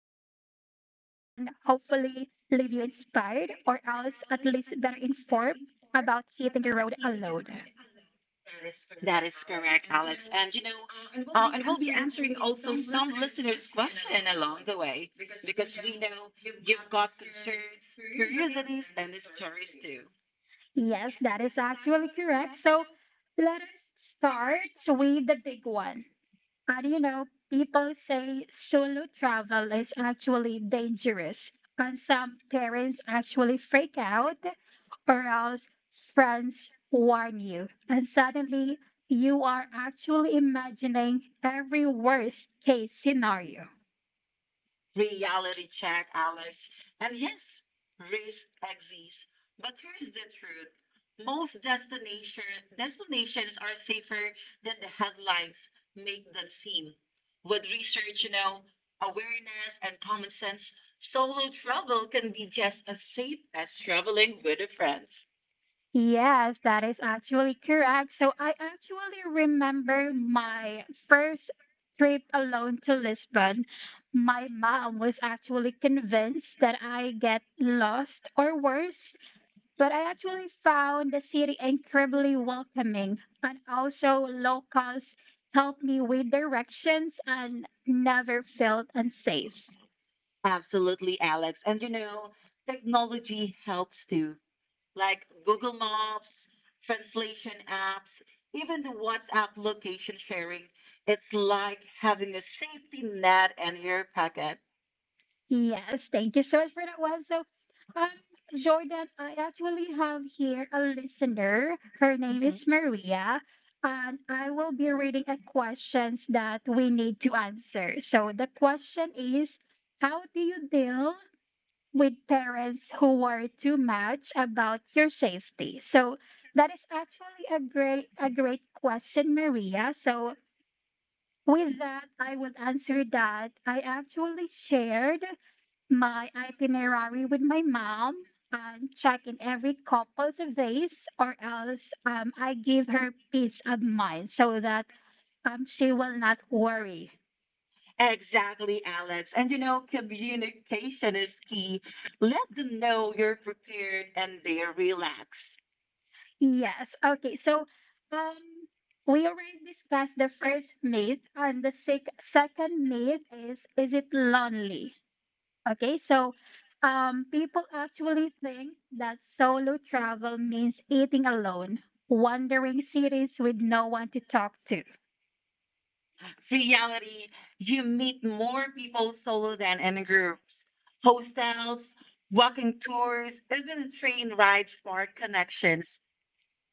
hopefully leave you inspired or else at least better informed about hitting the road alone. That is correct, Alex. And and we'll be answering also some listeners' question along the way because we know you've got concerns, curiosities, and stories too. Yes, that is actually correct. So let us start with the big one. People say solo travel is actually dangerous, and some parents actually freak out, or else friends warn you, and suddenly you are actually imagining every worst case scenario. Reality check, Alex. And yes, risk exists, but here's the truth. Most destinations are safer than the headlines make them seem. With research, you know, awareness and common sense, solo travel can be just as safe as traveling with a friend. Yes, that is actually correct. So I actually remember my first trip alone to Lisbon. My mom was actually convinced that I get lost or worse, but I actually found the city incredibly welcoming. And also, locals helped me with directions and never felt unsafe. Absolutely, Alex. And you know, technology helps too, like Google Maps, translation apps, even the WhatsApp location sharing. It's like having a safety net in your pocket. Yes, thank you so much for that one. So, um, Jordan, I actually have here a listener. Her name is Mhm. Maria, and I will be reading a questions that we need to answer. So the question is, how do you deal with parents who worry too much about your safety? So that is actually a great question, Maria. So with that, I would answer that I actually shared my itinerary with my mom and check in every couples of days or else I give her peace of mind so that she will not worry. Exactly, Alex. And you know, communication is key. Let them know you're prepared and they relax. Yes. Okay. So um, we already discussed the first myth and the second myth is it lonely? Okay. So people actually think that solo travel means eating alone, wandering cities with no one to talk to. Reality, you meet more people solo than in groups. Hostels, walking tours, even train rides spark connections.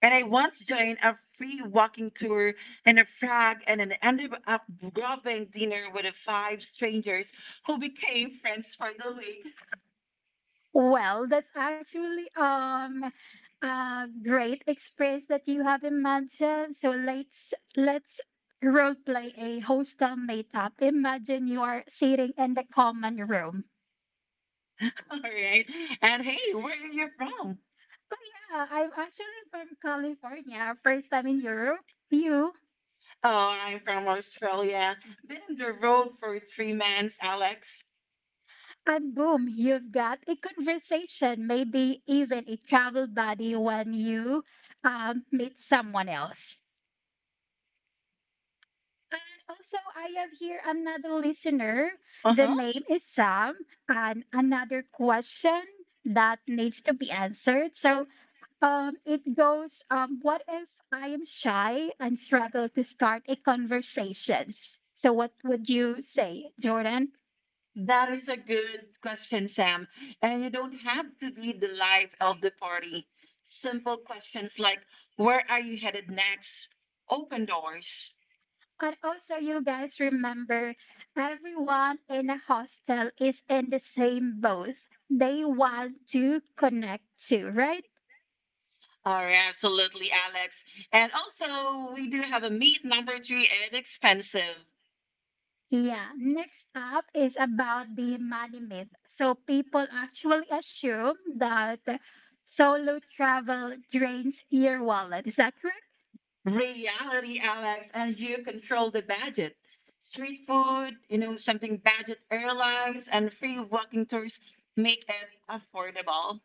And I once joined a free walking tour in a Prague and then ended up grabbing dinner with five strangers who became friends for the week. Well, that's actually a great experience that you have imagined. So let's role play a hostel meetup. Imagine you are sitting in the common room. All right. And hey, where are you from? Oh yeah, I'm actually from California. First time in Europe. You Oh, I'm from Australia. Been on the road for 3 months, Alex. and boom, you've got a conversation, maybe even a travel buddy when you meet someone else. And also, I have here another listener. Uh The huh. name is Sam, and another question that needs to be answered. So, it goes, what if I am shy and struggle to start a conversations? So, what would you say, Jordan? That is a good question, Sam. And you don't have to be the life of the party. Simple questions like, where are you headed next? Open doors. And also, you guys remember, everyone in a hostel is in the same boat. They want to connect too, right? All right, absolutely, Alex. And also, we do have a meet number three and expensive. Yeah, next up is about the money myth. So people actually assume that solo travel drains your wallet. Is that correct? Reality, Alex, and you control the budget. Street food, you know, something budget airlines and free walking tours make it affordable.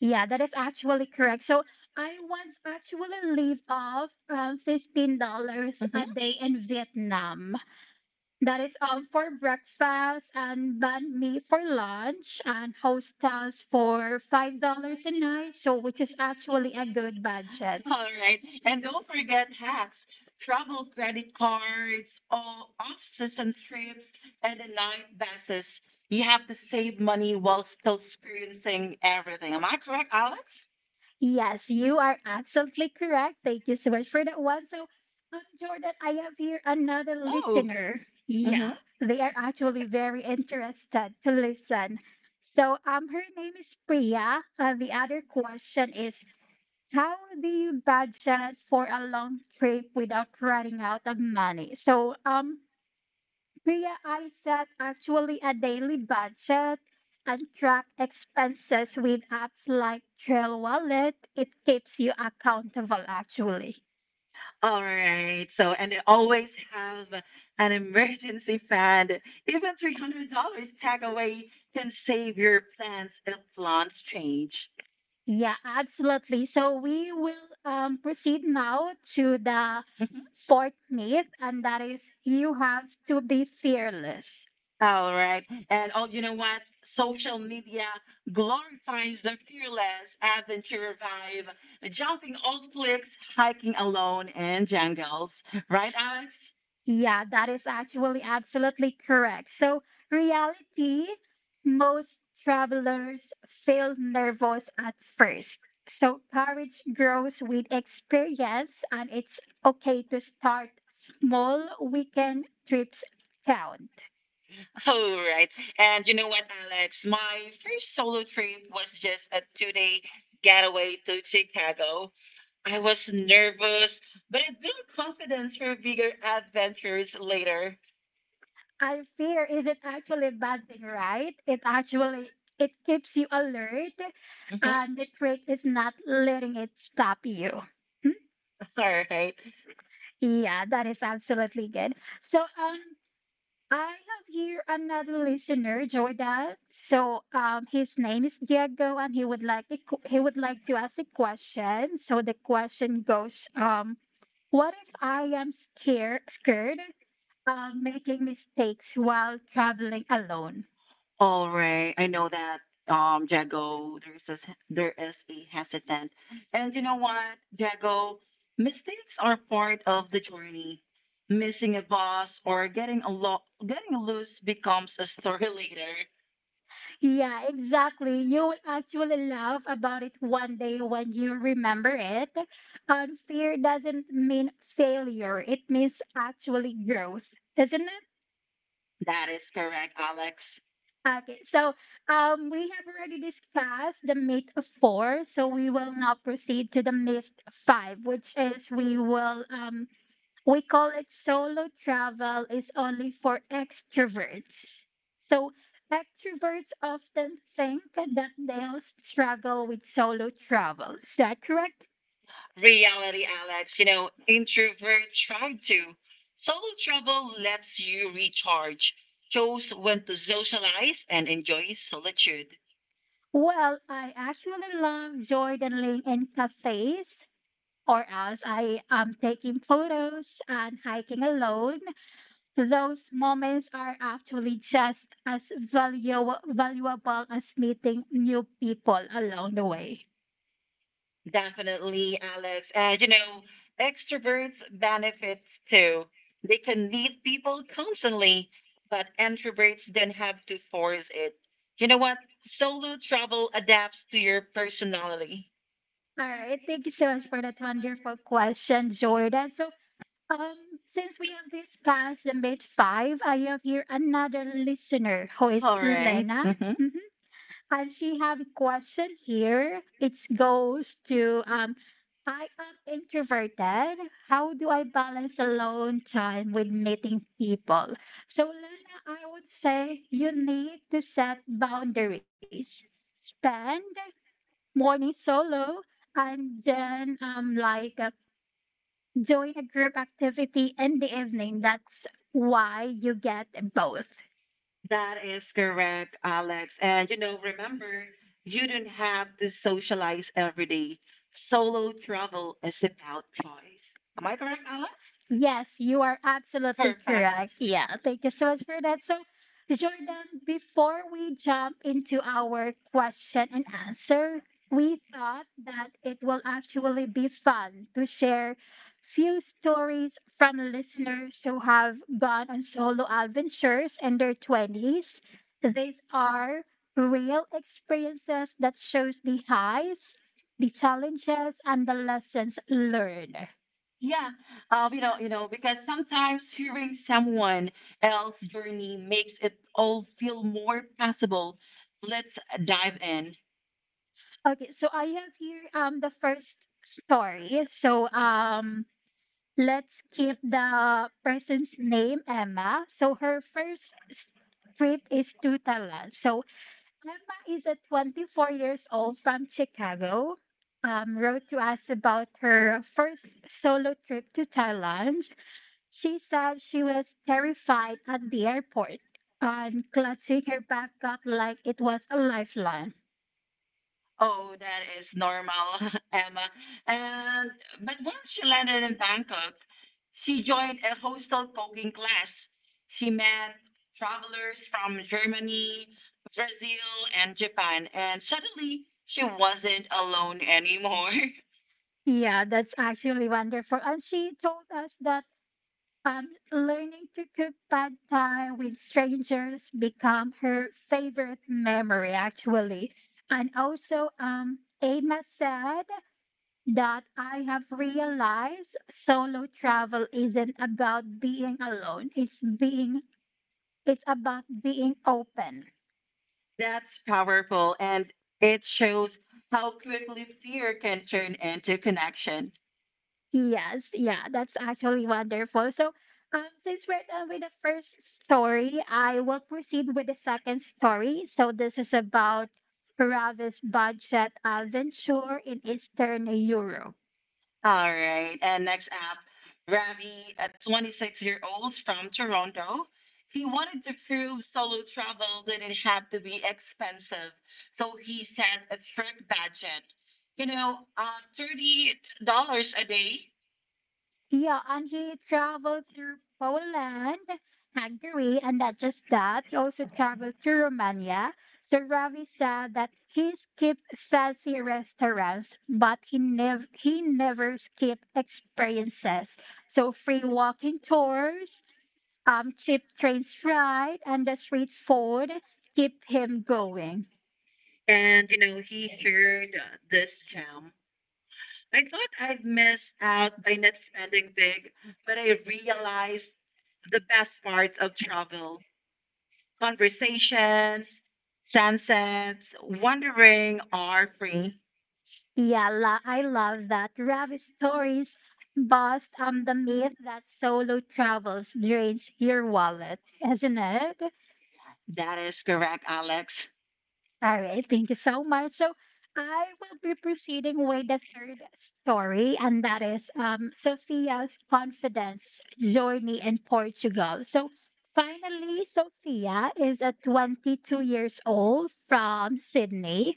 Yeah, that is actually correct. So I once actually live off $15 a Mhm. day in Vietnam. That is for breakfast and banh mi for lunch and hostels for $5 a night. So which is actually a good budget. All right. And don't forget hacks, travel credit cards, all off-season trips, and the night buses. You have to save money while still experiencing everything. Am I correct, Alex? Yes, you are absolutely correct. Thank you so much for that one. So, Jordan, I have here another One. Oh. listener. Mm-hmm. Yeah, they are actually very interested to listen. So, her name is Priya. The other question is, how do you budget for a long trip without running out of money? So, Priya, I set actually a daily budget and track expenses with apps like Trail Wallet. It keeps you accountable, actually. All right. So, and they always have an emergency fund. Even $300 tag away can save your plans if plans change. Yeah, absolutely. So we will proceed now to the fourth myth, and that is you have to be fearless. All right. And oh, you know what? Social media glorifies the fearless adventure vibe, jumping off cliffs, hiking alone in jungles. Right, Alex? Yeah, that is actually absolutely correct. So, reality, most travelers feel nervous at first. So, courage grows with experience, and it's okay to start small. Weekend trips count. Oh, right. And you know what, Alex? My first solo trip was just a two-day getaway to Chicago. I was nervous, but it built confidence for bigger adventures later. And fear isn't actually a bad thing, right? It keeps you alert, Mhm. and the trick is not letting it stop you. Hmm? All right. Yeah, that is absolutely good. So, I have here another listener, Jordan. So his name is Diego, and he would like he would like to ask a question. So the question goes, what if I am scared of making mistakes while traveling alone? All right. I know that Jago there is a hesitant. And you know what, Jago, mistakes are part of the journey. Missing a boss or getting a loose becomes a story later. Yeah, exactly. You will actually laugh about it one day when you remember it. And fear doesn't mean failure; it means actually growth, isn't it? That is correct, Alex. Okay, so we have already discussed the myth of four, so we will now proceed to the myth five, which is we call it solo travel is only for extroverts. So extroverts often think that they'll struggle with solo travel. Is that correct? Reality, Alex. You know, introverts try to. Solo travel lets you recharge, shows when to socialize and enjoy solitude. Well, I actually love journaling in cafes, or else I am taking photos and hiking alone. Those moments are actually just as valuable as meeting new people along the way. Definitely, Alex. And you know, extroverts benefits too. They can meet people constantly, but introverts then have to force it. You know what? Solo travel adapts to your personality. All right, thank you so much for that wonderful question, Jordan. So, since we have discussed the mid five, I have here another listener who is All right. Lena. Mhm. Mm-hmm. And she have a question here. It goes to I am introverted. How do I balance alone time with meeting people? So, Lena, I would say you need to set boundaries. Spend morning solo and then join a group activity in the evening. That's why you get both. That is correct, Alex. And you know, remember, you don't have to socialize every day. Solo travel is about choice. Am I correct, Alex? Yes, you are absolutely Perfect. correct. Yeah, thank you so much for that. So, Jordan, before we jump into our question and answer, we thought that it will actually be fun to share few stories from listeners who have gone on solo adventures in their 20s. These are real experiences that shows the highs, the challenges, and the lessons learned. Yeah. Because sometimes hearing someone else's journey makes it all feel more possible. Let's dive in. Okay, so I have here the first story. So let's keep the person's name Emma. So her trip is to Thailand. So Emma is a 24 years old from Chicago. Wrote to us about her first solo trip to Thailand. She said she was terrified at the airport and clutching her backpack like it was a lifeline. Oh, that is normal, Emma. And but once she landed in Bangkok, she joined a hostel cooking class. She met travelers from Germany, Brazil, and Japan, and suddenly she wasn't alone anymore. Yeah, that's actually wonderful. And she told us that learning to cook pad thai with strangers become her favorite memory, actually. And also, Emma said that I have realized solo travel isn't about being alone. It's about being open. That's powerful, and it shows how quickly fear can turn into connection. Yes, yeah, that's actually wonderful. So, since we're done with the first story, I will proceed with the second story. So, this is about Ravi's budget adventure in Eastern Europe. All right. And next up, Ravi, a 26-year-old from Toronto. He wanted to prove solo travel didn't have to be expensive, so he set a strict budget. $30 a day. Yeah, and he traveled through Poland, Hungary, and not just that, he also traveled to Romania. So Ravi said that he skipped fancy restaurants, but he never skipped experiences. So free walking tours, cheap trains ride, and the street food keep him going. And, you know, he shared this gem. I thought I'd miss out by not spending big, but I realized the best parts of travel, conversations, sunsets, wandering are free. Yeah, I love that. Ravi stories bust the myth that solo travels drains your wallet, isn't it? That is correct, Alex. All right, thank you so much. So I will be proceeding with the third story, and that is Sophia's confidence journey in Portugal. So finally, Sophia is at 22 years old from Sydney.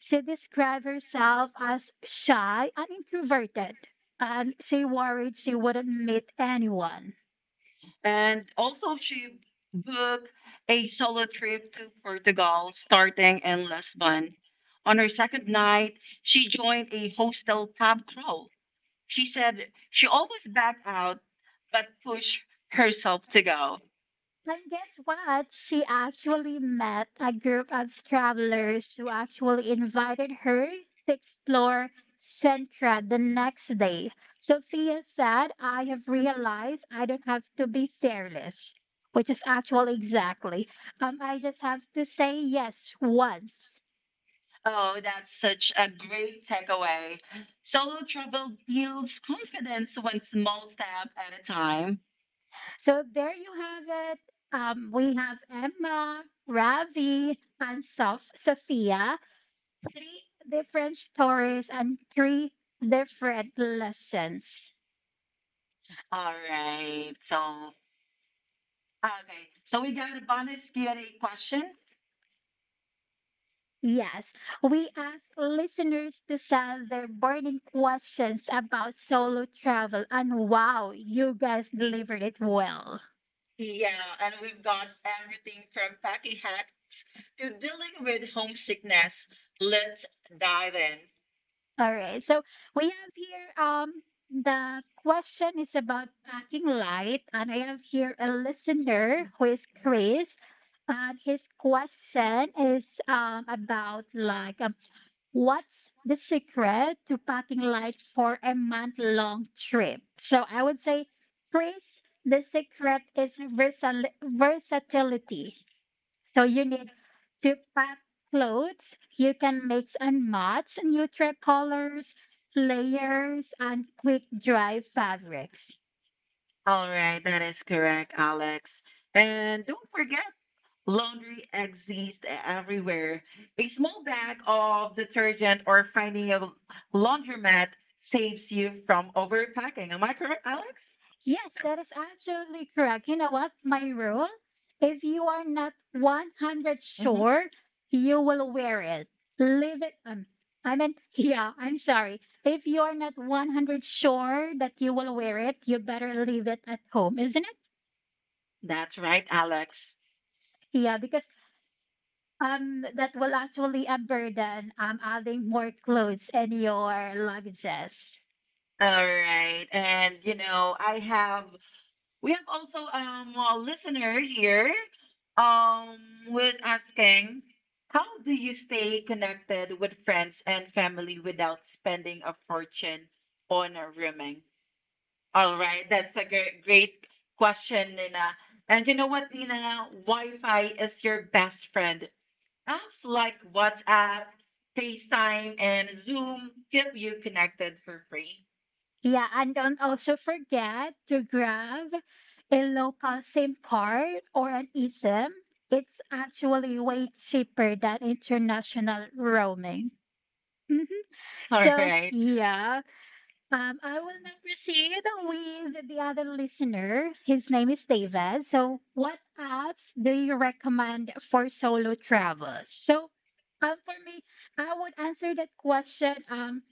She described herself as shy and introverted, and she worried she wouldn't meet anyone. And also she booked a solo trip to Portugal starting in Lisbon. On her second night, she joined a hostel pub crawl. She said she always backed out but pushed herself to go. And guess what? She actually met a group of travelers who actually invited her to explore Centra the next day. Sophia said, I have realized I don't have to be fearless, which is actually exactly. I just have to say yes once. Oh, that's such a great takeaway. Solo travel builds confidence one small step at a time. So there you have it. We have Emma, Ravi, and Sophia. Three different stories and three different lessons. All right. So, okay. So we got a bonus Q&A question. Yes, we ask listeners to send their burning questions about solo travel, and wow, you guys delivered it well. Yeah, and we've got everything from packing hacks to dealing with homesickness. Let's dive in. All right, so we have here the question is about packing light, and I have here a listener who is Chris. And his question is what's the secret to packing light for a month long trip? So I would say, Chris, the secret is versatility. So you need to pack clothes. You can mix and match neutral colors, layers, and quick dry fabrics. All right, that is correct, Alex. And don't forget, laundry exists everywhere. A small bag of detergent or laundromat saves you from overpacking. Am I correct, Alex? Yes, that is absolutely correct. You know what? My rule, if you are not 100 Hmm. sure, you will wear it. Leave it. I mean, yeah, I'm sorry. If you are not 100 sure that you will wear it, you better leave it at home, isn't it? That's right, Alex. Yeah, because that will actually a burden adding more clothes in your luggages. All right. And, you know, I have we have also a listener here um who is asking, how do you stay connected with friends and family without spending a fortune on a rooming? All right, that's a great question, Nina. And you know what, Nina? Wi-Fi is your best friend. Apps like WhatsApp, FaceTime, and Zoom keep you connected for free. Yeah, and don't also forget to grab a local SIM card or an eSIM. It's actually way cheaper than international roaming. Mhm. All So, right. yeah, I will now proceed with the other listener. His name is David. So, what apps do you recommend for solo travels? So, for me, I would answer that question.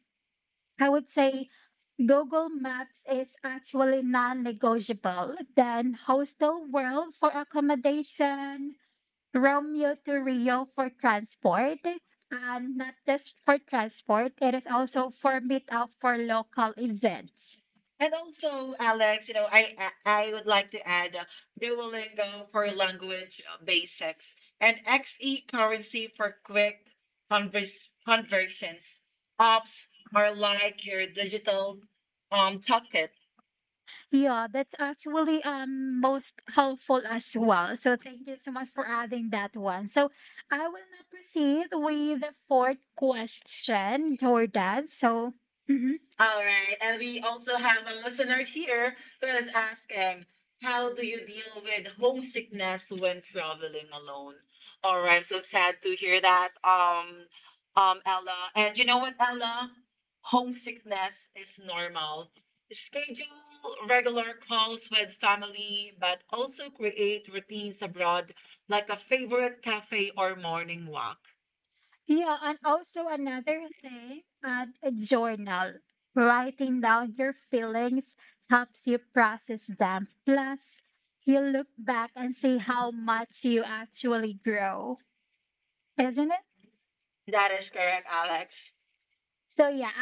I would say Google Maps is actually non-negotiable. Then Hostel World for accommodation, Romeo to Rio for transport, and not just for transport, it is also for meetup for local events. And also, Alex, you know, I would like to add Duolingo for language basics and XE currency for quick conversions. Apps are like your digital toolkit. Yeah, that's actually most helpful as well. So thank you so much for adding that one. So I will now proceed with the fourth question, Jordan. So mhm. All right, and we also have a listener here who is asking, how do you deal with homesickness when traveling alone? All right, I'm so sad to hear that. Ella, and you know what, Ella? Homesickness is normal. Schedule regular calls with family, but also create routines abroad like a favorite cafe or morning walk. Yeah, and also another thing, add a journal. Writing down your feelings helps you process them. Plus, you look back and see how much you actually grow, isn't it? That is correct, Alex. So yeah,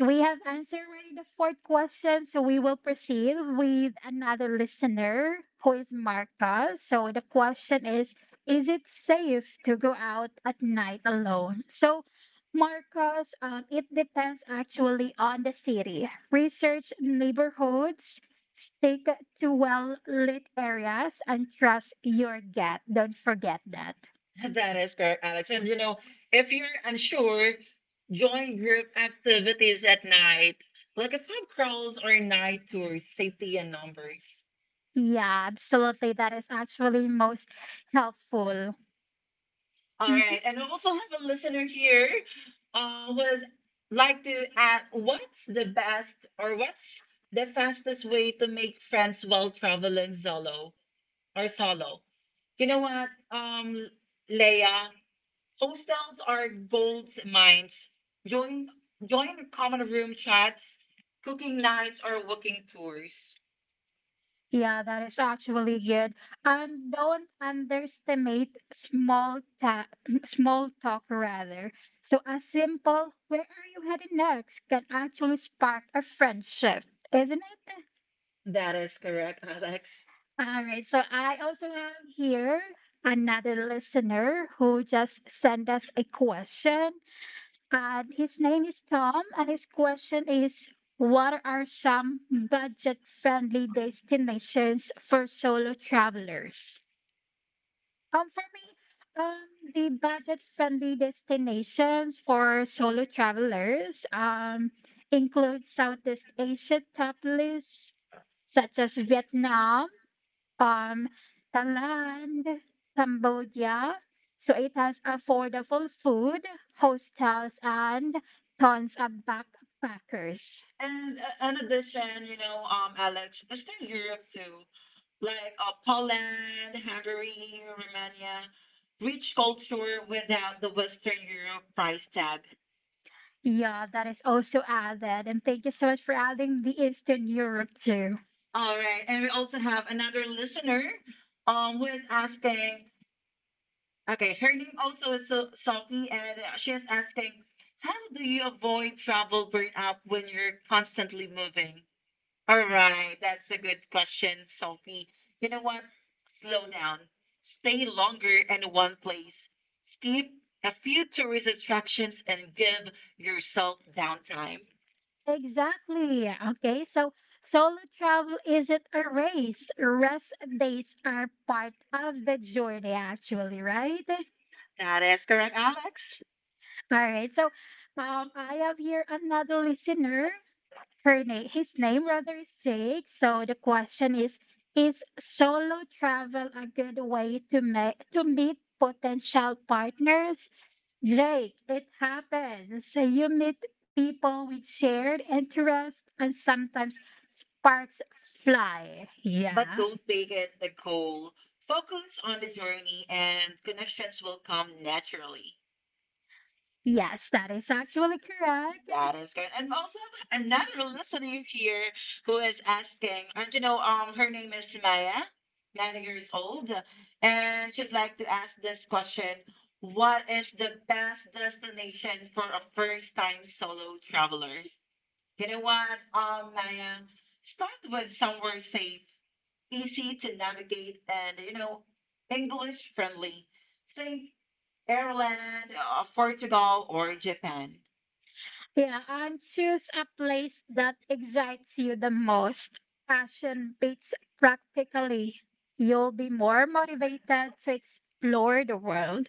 um, We have answered already the fourth question, so we will proceed with another listener who is Marcos. So the question is it safe to go out at night alone? So, Marcos, it depends actually on the city. Research neighborhoods, stick to well lit areas, and trust your gut. Don't forget that. That is correct, Alex. And you know, if you're unsure, join group activities at night, like a pub crawls or night tours, safety and numbers. Yeah, absolutely. That is actually most helpful. All right, Alright, and I also have a listener here was like to ask, what's the fastest way to make friends while traveling solo or solo? You know what, Leia, hostels are gold mines. Join join common room chats, cooking nights, or walking tours. yeah, that is actually good. And don't underestimate small talk rather. So a simple "Where are you headed next?" can actually spark a friendship, isn't it? That is correct, Alex. All right. So I also have here another listener who just sent us a question. And his name is Tom, and his question is, what are some budget friendly destinations for solo travelers? For me, um, the budget friendly destinations for solo travelers include Southeast Asia top lists such as Vietnam, um, Thailand, Cambodia. So it has affordable food, hostels, and tons of backpackers. And in addition, you know, Alex, Eastern Europe too, like Poland, Hungary, Romania, rich culture without the Western Europe price tag. Yeah, that is also added. And thank you so much for adding the Eastern Europe too. All right, and we also have another listener who is asking, okay, her name also is Sophie, and she is asking, how do you avoid travel burnout when you're constantly moving? All right, that's a good question, Sophie. You know what? Slow down. Stay longer in one place. Skip a few tourist attractions and give yourself downtime. Exactly. Okay, so solo travel isn't a race. Rest days are part of the journey, actually, right? That is correct, Alex. All right, so I have here another listener her name his name rather is Jake. So the question is, Is solo travel a good way to make to meet potential partners? Jake, it happens. So you meet people with shared interests and sometimes sparks fly. But Yeah. don't make it the goal. Focus on the journey and connections will come naturally. Yes, that is actually correct. That is great. And also another listener here who is asking, and you know, her name is Maya, 9 years old, and she'd like to ask this question. What is the best destination for a first-time solo traveler? You know what, Maya, start with somewhere safe, easy to navigate, and you know, English friendly. Think Ireland, Portugal, or Japan. Yeah, and choose a place that excites you the most. Passion beats practically. You'll be more motivated to explore the world.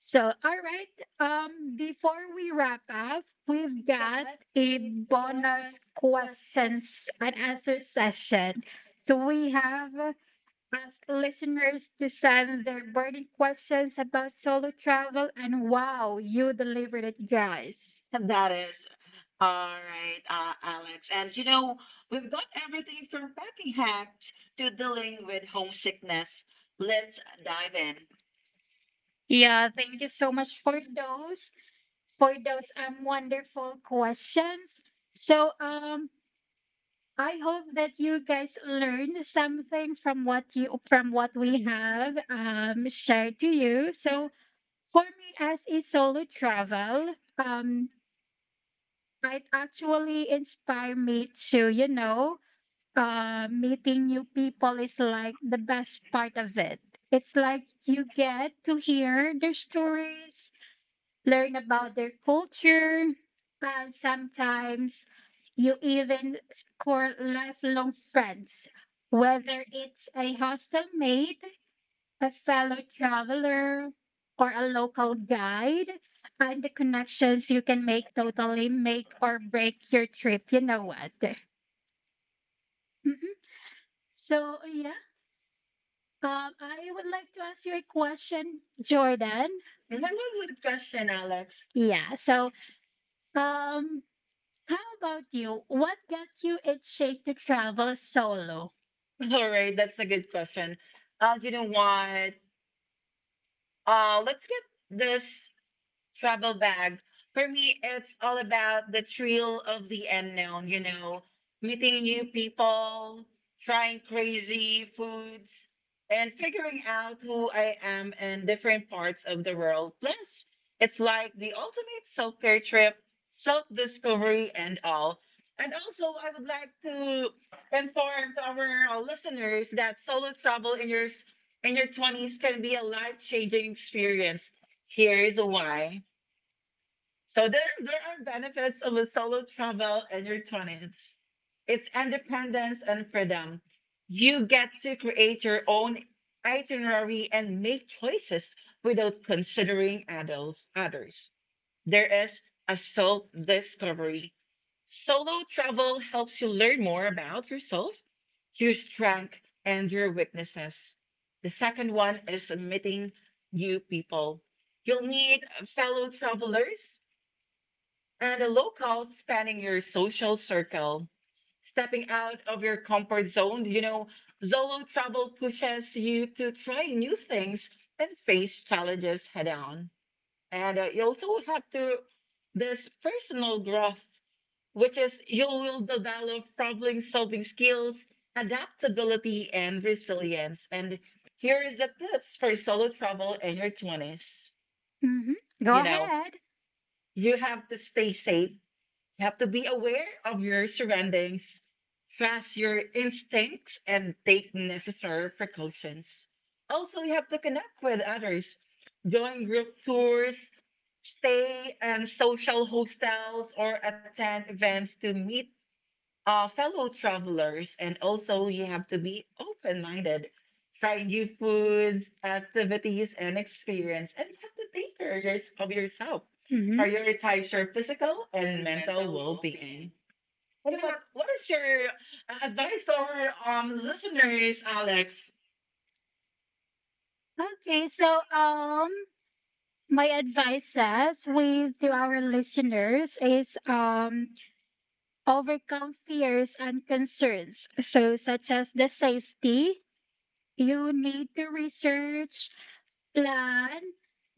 So, all right, before we wrap up, we've got a bonus questions and answer session. So, we have asked listeners to send their burning questions about solo travel, and wow, you delivered it, guys. That is all right, Alex. And you know, we've got everything from packing hacks to dealing with homesickness. Let's dive in. Yeah, thank you so much for those wonderful questions. So I hope that you guys learned something from what you from what we have shared to you. So for me as a solo travel, it actually inspired me to, you know, meeting new people is like the best part of it. It's like you get to hear their stories, learn about their culture, and sometimes you even score lifelong friends, whether it's a hostel mate, a fellow traveler, or a local guide. And the connections you can make totally make or break your trip. You know what? Mhm. So, yeah. I would like to ask you a question, Jordan. That was a question, Alex. Yeah. So, um, how about you? What got you itching to travel solo? All right, that's a good question. You know what? Let's get this travel bag. For me, it's all about the thrill of the unknown, you know, meeting new people, trying crazy foods, and figuring out who I am in different parts of the world. Plus, it's like the ultimate self care trip, self discovery, and all. And also, I would like to inform to our listeners that solo travel in your 20s can be a life changing experience. Here's why. So there are benefits of a solo travel and your twenties. It's independence and freedom. You get to create your own itinerary and make choices without considering adults, others. There is a self discovery. Solo travel helps you learn more about yourself, your strength, and your weaknesses. The second one is meeting new people. You'll meet fellow travelers and a local spanning your social circle. Stepping out of your comfort zone, you know, solo travel pushes you to try new things and face challenges head on. And you also have to this personal growth, which is you will develop problem solving skills, adaptability, and resilience. And here is the tips for solo travel in your 20s. Hmm. Go You know, ahead. you have to stay safe, you have to be aware of your surroundings, trust your instincts, and take necessary precautions. Also, you have to connect with others, join group tours, stay in social hostels, or attend events to meet fellow travelers, and also you have to be open minded. Try new foods, activities, and experience, and you have to take of yourself. Hmm. Prioritize your physical and mental well being. What is your advice to our listeners, Alex? Okay, so my advice says we to our listeners is, overcome fears and concerns. So such as the safety, you need to research, plan,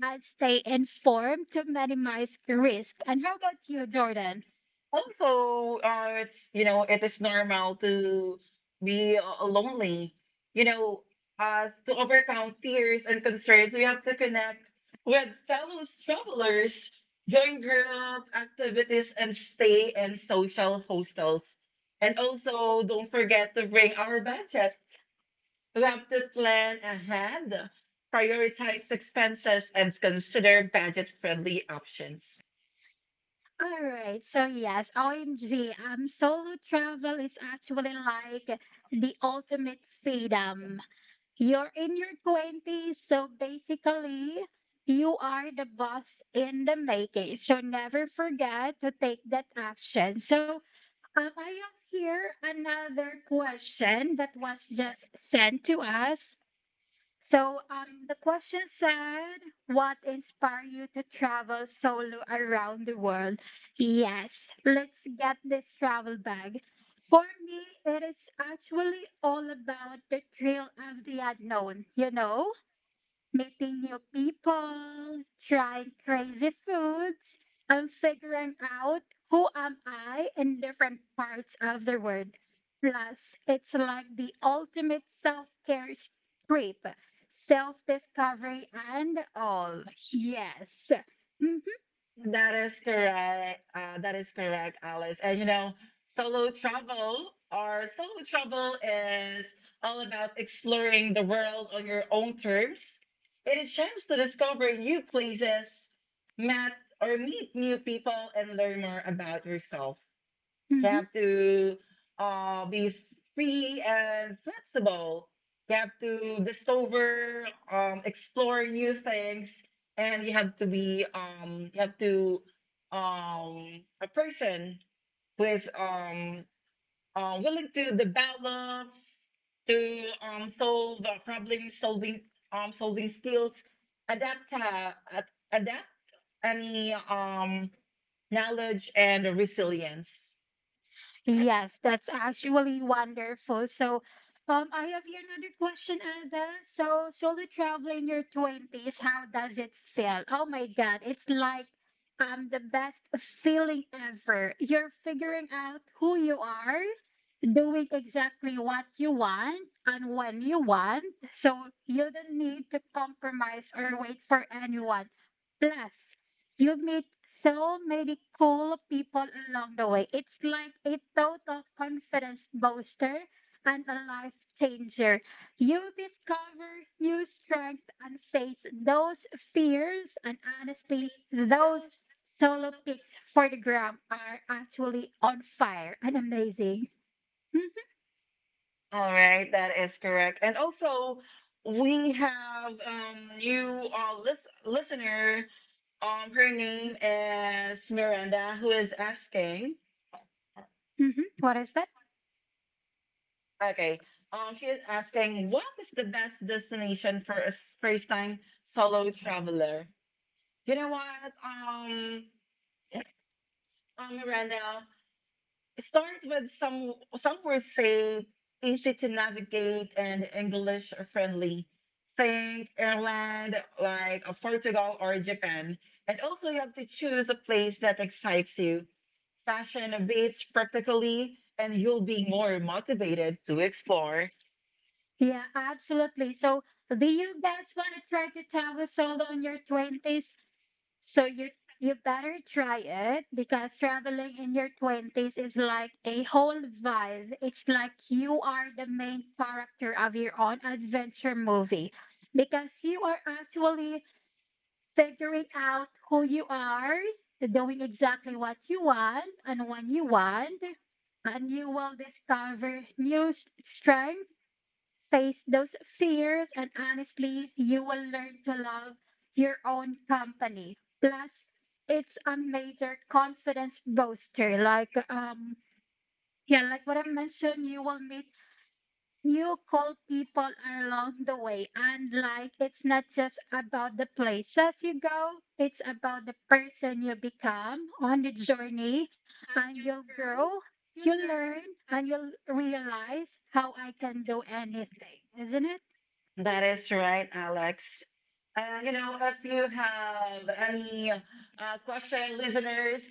and stay informed to minimize risk. And how about you, Jordan? Also, it's you know it is normal to be lonely. You know, as to overcome fears and concerns, we have to connect with fellow travelers, join group activities, and stay in social hostels. And also, don't forget to bring our budget. We have to plan ahead, prioritize expenses, and consider budget-friendly options. All right. So yes, OMG, solo travel is actually like the ultimate freedom. You're in your 20s, so basically you are the boss in the making. So never forget to take that action. So I have here another question that was just sent to us. So the question said, "What inspired you to travel solo around the world?" Yes, let's get this travel bag. For me, it is actually all about the thrill of the unknown. You know, meeting new people, trying crazy foods, and figuring out who am I in different parts of the world. Plus, it's like the ultimate trip, self-discovery and all. Yes. Mhm. That is correct. That is correct, Alice. And you know, solo travel is all about exploring the world on your own terms. It is a chance to discover new places, met or meet new people, and learn more about yourself. You Mhm. have to be free and flexible. You have to explore new things, and you have to a person who is willing to develop, to solve problem solving skills, adapt uh, ad- adapt any knowledge and resilience. Yes, that's Actually actually wonderful. wonderful. So, I have here another question, Ada. So, solo travel in your 20s, how does it feel? Oh my God, it's like the best feeling ever. You're figuring out who you are, doing exactly what you want and when you want. So you don't need to compromise or wait for anyone. Plus, you meet so many cool people along the way. It's like a total confidence booster and a life changer. You discover new strength and face those fears and honestly, those solo pics for the gram are actually on fire and amazing. Hmm. All right, that is correct. And also, we have new listener. Her name is Miranda, who is asking. Mhm. What is that? Okay, she is asking, what is the best destination for a first-time solo traveler? You know what? Miranda. Start with some words say easy to navigate and English friendly. Think Ireland, like Portugal or Japan. And also you have to choose a place that excites you. Fashion beats practically, and you'll be more motivated to explore. Yeah, absolutely. So, do you guys want to try to travel solo in your 20s? So you better try it because traveling in your 20s is like a whole vibe. It's like you are the main character of your own adventure movie because you are actually figuring out who you are, doing exactly what you want and when you want, and you will discover new strengths, face those fears, and honestly, you will learn to love your own company. Plus, it's a major confidence booster. Like, yeah, like what I mentioned, you will meet new cool people along the way. And like, it's not just about the places you go, it's about the person you become on the journey, and you'll grow, you learn, and you'll realize how I can do anything, isn't it? That is right, Alex. And you know, if you have any question, listeners,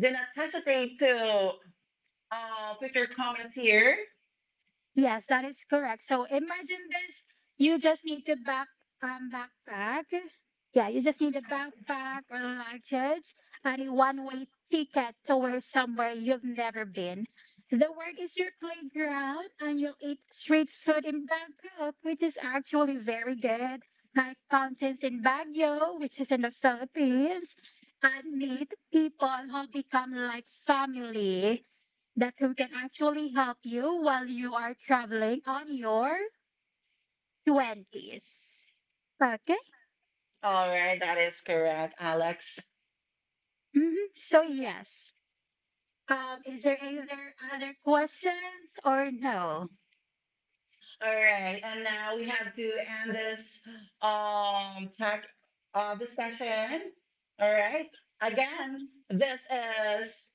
do not hesitate to put your comments here. Yes, that is correct. So imagine this. You just need to back backpack. Yeah, you just need a backpack or luggage and a one-way ticket to where somewhere you've never been. The word is your playground and you'll eat street food in Bangkok, which is actually very good. Hike mountains in Baguio, which is in the Philippines, and meet people who become like family that who can actually help you while you are traveling on your 20s. Okay. All right, that is correct, Alex. Hmm. So, yes. Is there any other questions or no? All right, and now we have to end this tech discussion. All right. Again, this is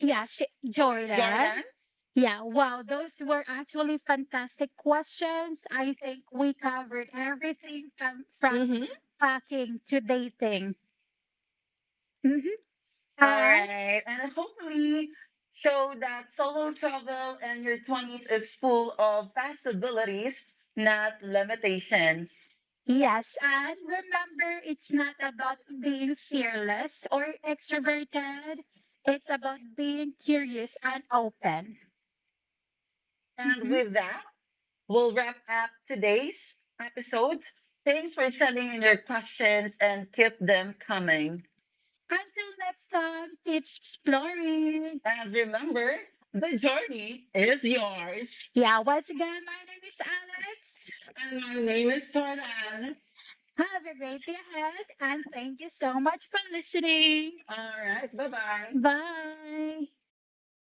Yeah, sh- Jordan. Jordan. Yeah, wow, those were actually fantastic questions. I think we covered everything from Mm-hmm. packing to dating. Hmm. All right. And And hopefully show that solo travel in your 20s is full of possibilities, not limitations. yes, and remember, it's not about being fearless or extroverted. It's about being curious and open. And Mhm. with that, we'll wrap up today's episode. Thanks for sending in your questions and keep them coming. Until next time, keep exploring. And remember, the journey is yours. Yeah, once again, my name is Alex. And my name is Jordan. Have a great day ahead, and thank you so much for listening. All right. Bye Bye. bye. Bye.